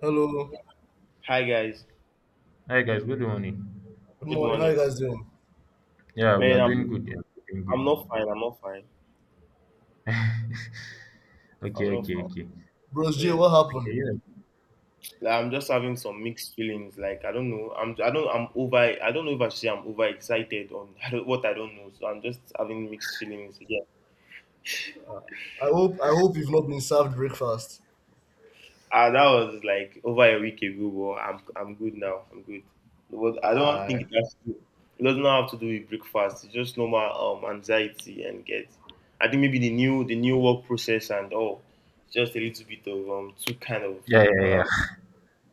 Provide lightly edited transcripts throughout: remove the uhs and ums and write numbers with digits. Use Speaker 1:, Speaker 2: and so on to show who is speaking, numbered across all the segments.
Speaker 1: Hello.
Speaker 2: Hi guys,
Speaker 3: Hi guys, good morning.
Speaker 1: Good
Speaker 2: good
Speaker 1: morning. How you
Speaker 2: morning.
Speaker 1: guys doing?
Speaker 3: Yeah, we
Speaker 2: Man,
Speaker 3: are
Speaker 2: I'm
Speaker 3: doing good.
Speaker 2: I'm not fine. I'm not fine.
Speaker 3: Okay,
Speaker 2: I'm not
Speaker 3: okay,
Speaker 2: fine.
Speaker 3: okay.
Speaker 1: Bros J,
Speaker 2: Yeah,
Speaker 1: what happened?
Speaker 3: Okay, yeah.
Speaker 2: like, I'm just having some mixed feelings. Like I don't know. I'm I don't I'm over. I don't know if I should say I'm overexcited on I don't know. So I'm just having mixed feelings. Yeah.
Speaker 1: I hope you've not been served breakfast.
Speaker 2: That was like over a week ago, but I'm good now. I'm good. But I don't
Speaker 1: I
Speaker 2: think it has to. It doesn't have to do with breakfast. It's just normal anxiety and get. I think maybe the new work process and all. Just a little bit of two kind of
Speaker 3: Yeah, yeah,
Speaker 2: um
Speaker 3: yeah.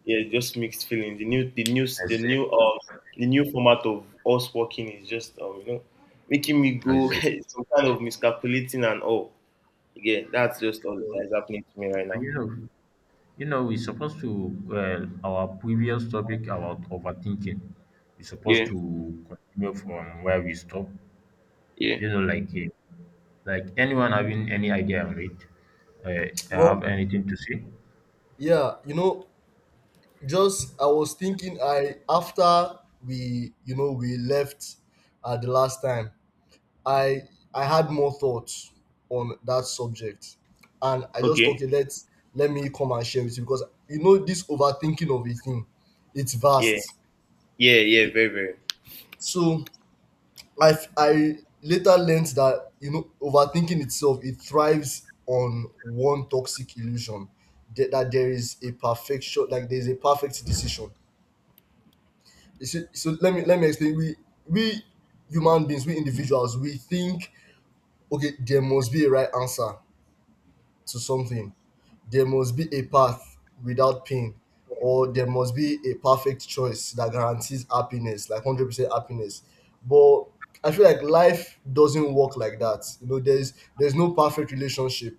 Speaker 2: yeah, just mixed feelings.
Speaker 3: I see.
Speaker 2: The new format of us working is just, making me
Speaker 3: I
Speaker 2: go
Speaker 3: see.
Speaker 2: some kind of miscalculating and all. Yeah, that's just all that is happening to me right
Speaker 3: So,
Speaker 2: now.
Speaker 3: you know, you know, we're supposed to well our previous topic about overthinking. We're supposed
Speaker 2: Yeah,
Speaker 3: to continue from where we stopped.
Speaker 2: yeah.
Speaker 3: You know, like eh, like anyone having any idea on it, have
Speaker 1: well,
Speaker 3: anything to say?
Speaker 1: yeah, you know, just I was thinking I after we you know we left the last time, I I had more thoughts on that subject. And I just thought, okay,
Speaker 2: Okay.
Speaker 1: let me come and share with you because, you know, this overthinking of a thing, it's
Speaker 2: Yeah.
Speaker 1: vast.
Speaker 2: Yeah. Yeah. Very, very.
Speaker 1: So I later learned that, you know, overthinking itself, it thrives on one toxic illusion that there is a perfection, like there is a perfect decision. So, let me explain. We human beings, we individuals, we think, okay, there must be a right answer to something, there must be a path without pain, or there must be a perfect choice that guarantees happiness, like 100% happiness. But I feel like life doesn't work like that. You know, there's no perfect relationship,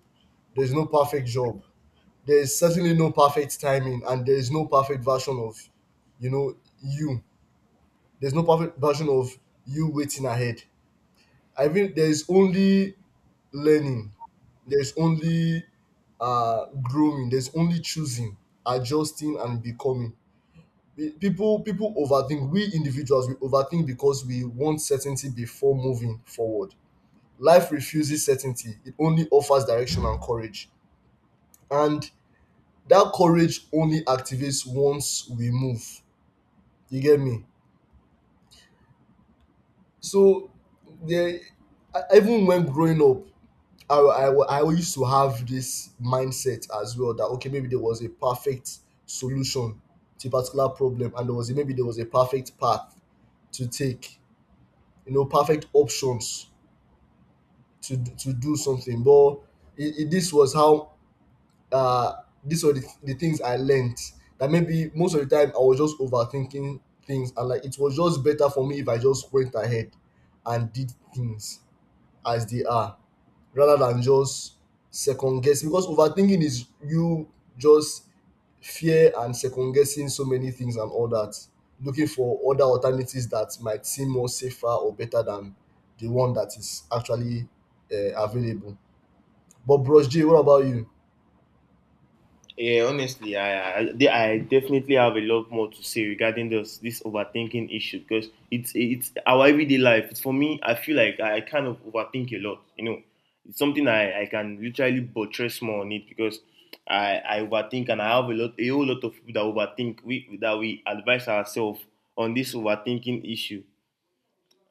Speaker 1: there's no perfect job, there's certainly no perfect timing, and there's no perfect version of, you know, you. There's no perfect version of you waiting ahead. I mean, there's only learning, there's only growing, there's only choosing, adjusting and becoming. People overthink, we individuals we overthink because we want certainty before moving forward. Life refuses certainty, it only offers direction and courage, and that courage only activates once we move. You get me? So there, even when growing up, I used to have this mindset as well, that okay, maybe there was a perfect solution to a particular problem and there was a, maybe there was a perfect path to take, you know, perfect options to do something. But this was how uh these were the things I learned, that maybe most of the time I was just overthinking things, and like it was just better for me if I just went ahead and did things as they are, rather than just second guessing, because overthinking is you just fear and second guessing so many things and all that, looking for other alternatives that might seem more safer or better than the one that is actually available. But bros J, what about you?
Speaker 2: Yeah, honestly, I definitely have a lot more to say regarding this overthinking issue because it's our everyday life. It's for me, I feel like I kind of overthink a lot. You know, it's something I can literally buttress more on it because I overthink and I have a whole lot of people that overthink we advise ourselves on this overthinking issue.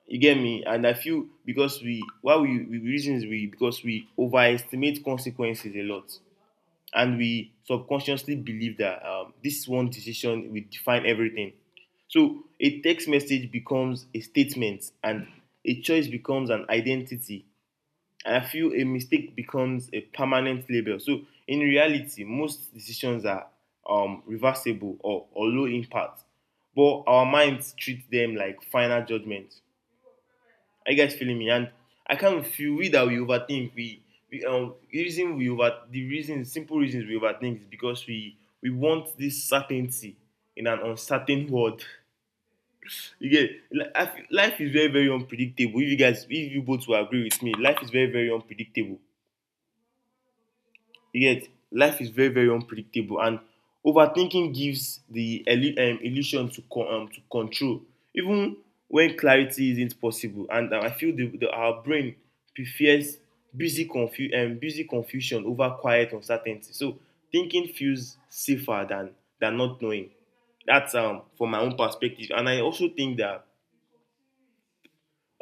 Speaker 2: You get me? And I feel because we why we reasons we because we overestimate consequences a lot, and we subconsciously believe that this one decision will define everything. So a text message becomes a statement, and a choice becomes an identity. And I feel a mistake becomes a permanent label. So in reality, most decisions are reversible or low impact, but our minds treat them like final judgments. Are you guys feeling me? And I can't feel we overthink. We the reason simple reasons we overthink is because we want this certainty in an uncertain world. You get li- life is very very unpredictable. If you guys, if you both will agree with me, life is very very unpredictable. Yet life is very very unpredictable, and overthinking gives the illusion to control, even when clarity isn't possible. And I feel the our brain prefers busy confusion over quiet uncertainty. So thinking feels safer than not knowing. That's from my own perspective, and I also think that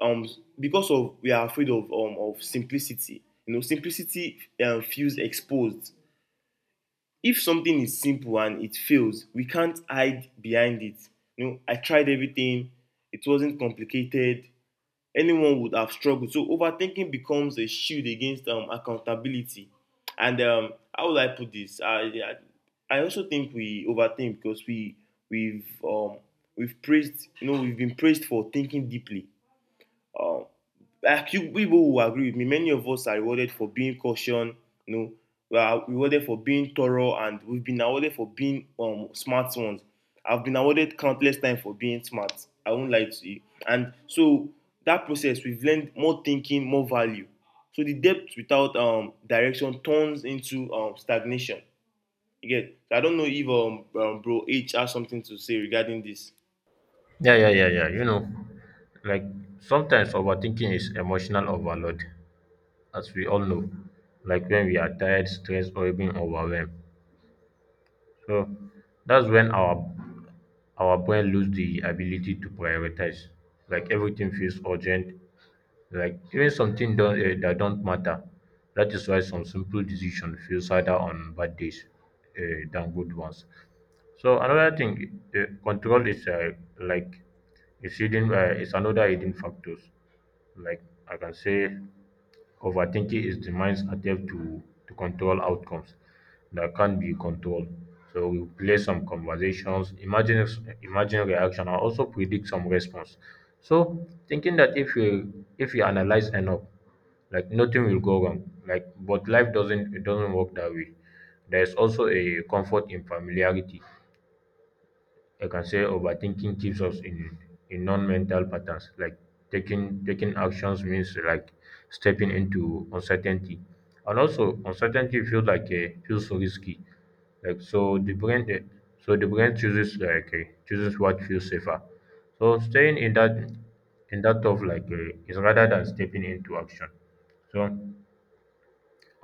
Speaker 2: um because of we are afraid of simplicity. You know, simplicity feels exposed if something is simple and it fails we can't hide behind it. You know, I tried everything, it wasn't complicated, anyone would have struggled. So overthinking becomes a shield against accountability. And how would I put this, I also think we overthink because we've um we've praised, you know, we've been praised for thinking deeply. um people will agree with me. Many of us are rewarded for being caution. You know, we are rewarded for being thorough, and we've been awarded for being smart ones. I've been awarded countless times for being smart. I won't lie to you. And so that process, we've learned more thinking, more value. So the depth without direction turns into stagnation. Again, I don't know if bro H has something to say regarding this.
Speaker 3: Yeah, yeah, yeah, yeah. You know, like sometimes overthinking is emotional overload. As we all know, like when we are tired, stressed, or even overwhelmed. So that's when our brain lose the ability to prioritize. Like everything feels urgent. Like even something don't, that don't matter. That is why some simple decision feels harder on bad days than good ones. So another thing, control is like is hidden is another hidden factors. Like I can say overthinking is the mind's attempt to control outcomes that can't be controlled. So we play some conversations, imagine reaction, and also predict some response. So thinking that if you analyze enough, like nothing will go wrong. Like but life doesn't, it doesn't work that way. There is also a comfort in familiarity. I can say overthinking keeps us in non-mental patterns, like taking actions means like stepping into uncertainty, and also uncertainty feels like a feels so risky. Like so, the brain so the brain chooses like chooses what feels safer. So staying in that of like is rather than stepping into action. So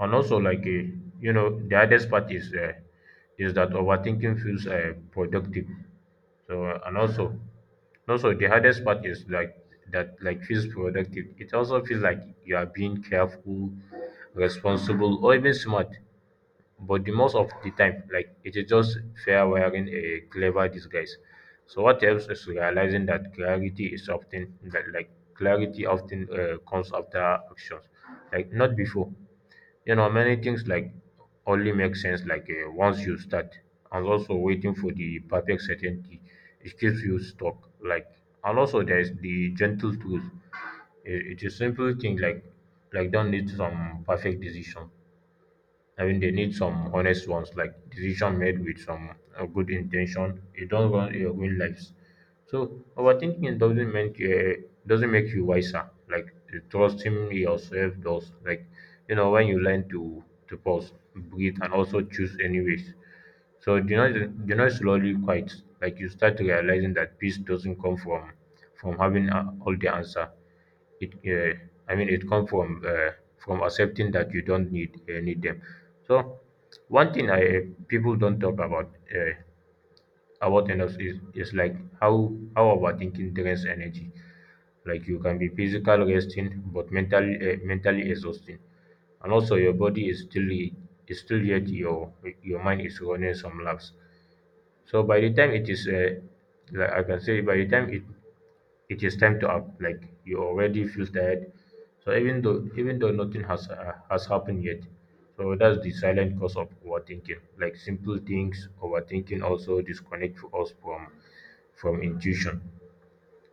Speaker 3: and also, like, you know, the hardest part is that overthinking feels productive. So, also the hardest part is like that, like feels productive. It also feels like you are being careful, responsible, or even smart, but the most of the time like it is just fair wearing a clever disguise. So what helps is realizing that clarity is often that, like clarity often comes after actions, like not before. You know, many things like only make sense like once you start. And also waiting for the perfect certainty, it keeps you stuck, like. And also there's the gentle truth. It's a simple thing, like don't need some perfect decision. I mean, they need some honest ones, like decision made with some good intention. You don't run your own lives. So overthinking doesn't mean doesn't make you wiser. Like trusting yourself does. Like you know when you learn to pause, breathe, and also choose anyways. So the noise slowly quiets. Like you start realizing that peace doesn't come from having all the answer. It I mean it come from accepting that you don't need need them. So one thing I people don't talk uh, about enough is like how overthinking drains energy. Like you can be physical resting but mentally mentally exhausting. And also your body is still yet your mind is running some laps. So by the time it is like I can say by the time it, it is time to up, like you already feel tired. So even though nothing has has happened yet. So that's the silent cause of overthinking, like simple things. Overthinking also disconnect us from intuition.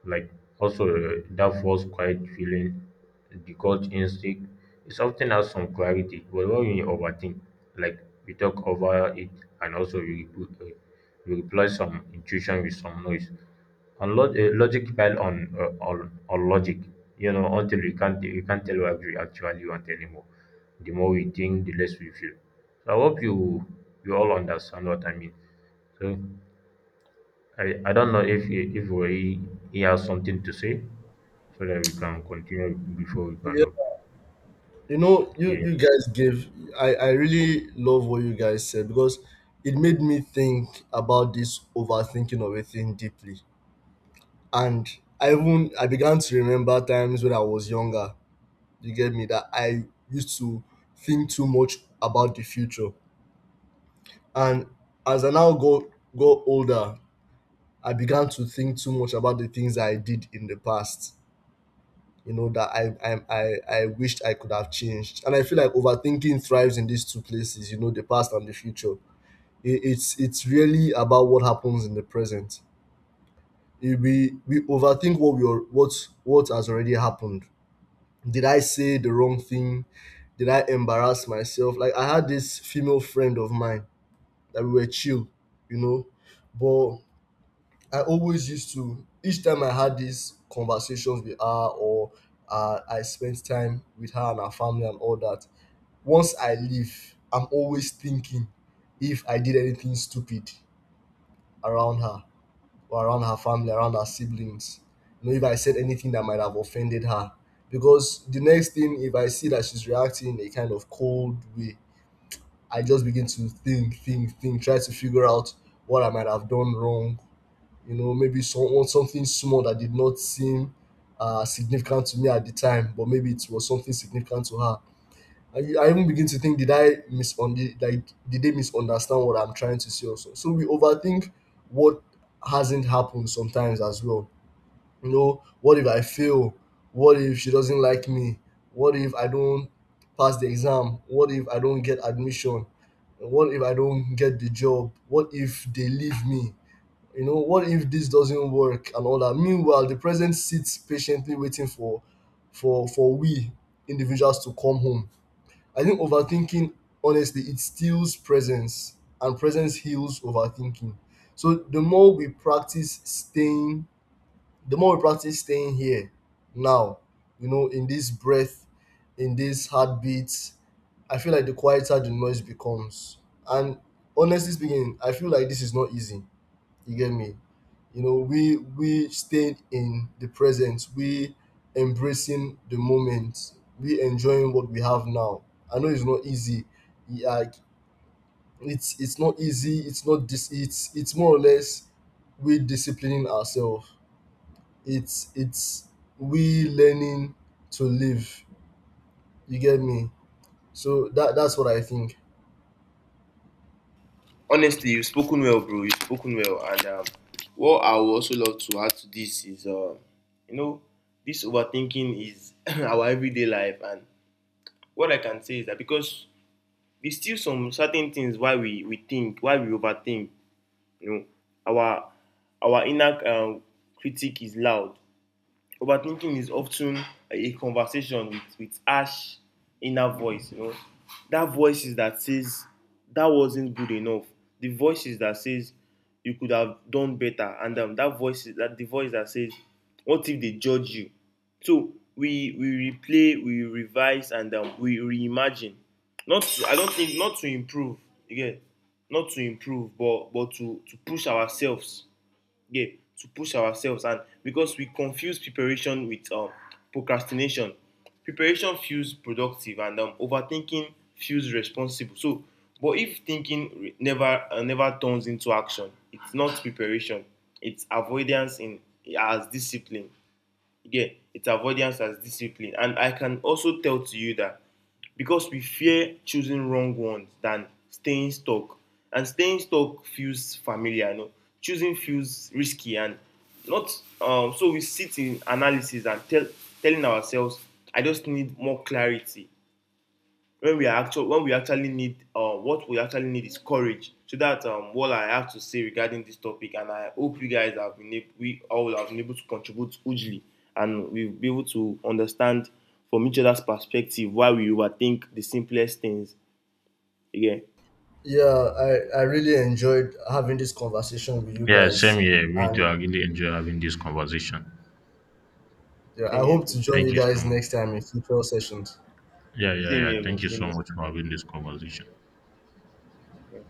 Speaker 3: Like also that false quiet feeling, the gut instinct, it often has some clarity, but when you overthink, like we talk over it. And also we, we replace some intuition with some noise. And logic pile on, on logic, you know, until you can't tell what you actually want anymore. The more we think, the less we feel. So I hope you you all understand what I mean. So I don't know if he, if we he has something to say so that we can continue before we kind
Speaker 1: Yeah,
Speaker 3: of
Speaker 1: you know, you
Speaker 3: yeah.
Speaker 1: you guys gave. I really love what you guys said because it made me think about this overthinking of a thing deeply. And I began to remember times when I was younger, you get me, that I used to think too much about the future, and as I now go older, I began to think too much about the things I did in the past, you know, that I wished I could have changed. And I feel like overthinking thrives in these two places, you know, the past and the future. It's really about what happens in the present. We overthink what we are, what has already happened. Did I say the wrong thing? Did I embarrass myself? Like I had this female friend of mine that we were chill, you know. But I always used to, each time I had these conversations with her, or I spent time with her and her family and all that. Once I leave, I'm always thinking if I did anything stupid around her, or around her family, around her siblings. You know, if I said anything that might have offended her. Because the next thing, if I see that she's reacting in a kind of cold way, I just begin to think, try to figure out what I might have done wrong. You know, maybe someone something small that did not seem significant to me at the time, but maybe it was something significant to her. I even begin to think, did I misunderstand, like did they misunderstand what I'm trying to say also. So we overthink what hasn't happened sometimes as well. You know, what if I fail? What if she doesn't like me? What if I don't pass the exam? What if I don't get admission? What if I don't get the job? What if they leave me? You know, what if this doesn't work and all that? Meanwhile, the present sits patiently waiting for we individuals to come home. I think overthinking, honestly, it steals presence, and presence heals overthinking. So the more we practice staying, the more we practice staying here, now, you know, in this breath, in this heartbeat, I feel like the quieter the noise becomes. And honestly speaking, I feel like this is not easy. You get me? You know, we stayed in the present, we embracing the moment, we enjoying what we have now. I know it's not easy. Yeah. Like it's not easy. It's not this. It's more or less we disciplining ourselves. It's we learning to live. You get me? So that's what I think.
Speaker 2: Honestly, you've spoken well, bro. You've spoken well, and what I would also love to add to this is, you know, this overthinking is our everyday life, and what I can say is that because there's still some certain things why we think, why we overthink. You know, our our inner critic is loud. Overthinking is often a conversation with harsh inner voice, you know. That voice is that says that wasn't good enough. The voice is that says you could have done better. And that voice is that the voice that says, what if they judge you? So we replay, we revise, and we reimagine. Not to, I don't think not to improve again, not to improve, but to push ourselves, yeah, to push ourselves. And because we confuse preparation with procrastination, preparation feels productive and overthinking feels responsible. So, but if thinking never turns into action, it's not preparation. It's avoidance in as discipline. You it's avoidance as discipline. And I can also tell to you that because we fear choosing wrong ones than staying stuck. And staying stuck feels familiar, you know. Choosing feels risky and not so we sit in analysis and telling ourselves, I just need more clarity when we are actually when we actually need what we actually need is courage. So that's what I have to say regarding this topic, and I hope you guys have been able, we all have been able to contribute hugely, and we'll be able to understand from each other's perspective why we overthink the simplest things again.
Speaker 1: Yeah, I really enjoyed having this conversation with you
Speaker 3: Yeah, same
Speaker 1: guys,
Speaker 3: here. Me too.
Speaker 1: and
Speaker 3: I really enjoy having this conversation.
Speaker 1: yeah, I
Speaker 2: Same here,
Speaker 1: hope
Speaker 2: bro.
Speaker 1: to join
Speaker 3: Thank
Speaker 1: you
Speaker 3: you so
Speaker 1: guys
Speaker 3: much.
Speaker 1: next time in future sessions.
Speaker 3: Yeah, yeah,
Speaker 2: Same
Speaker 3: yeah.
Speaker 2: here, bro,
Speaker 3: Thank you
Speaker 2: same
Speaker 3: so much for having this conversation.
Speaker 2: here.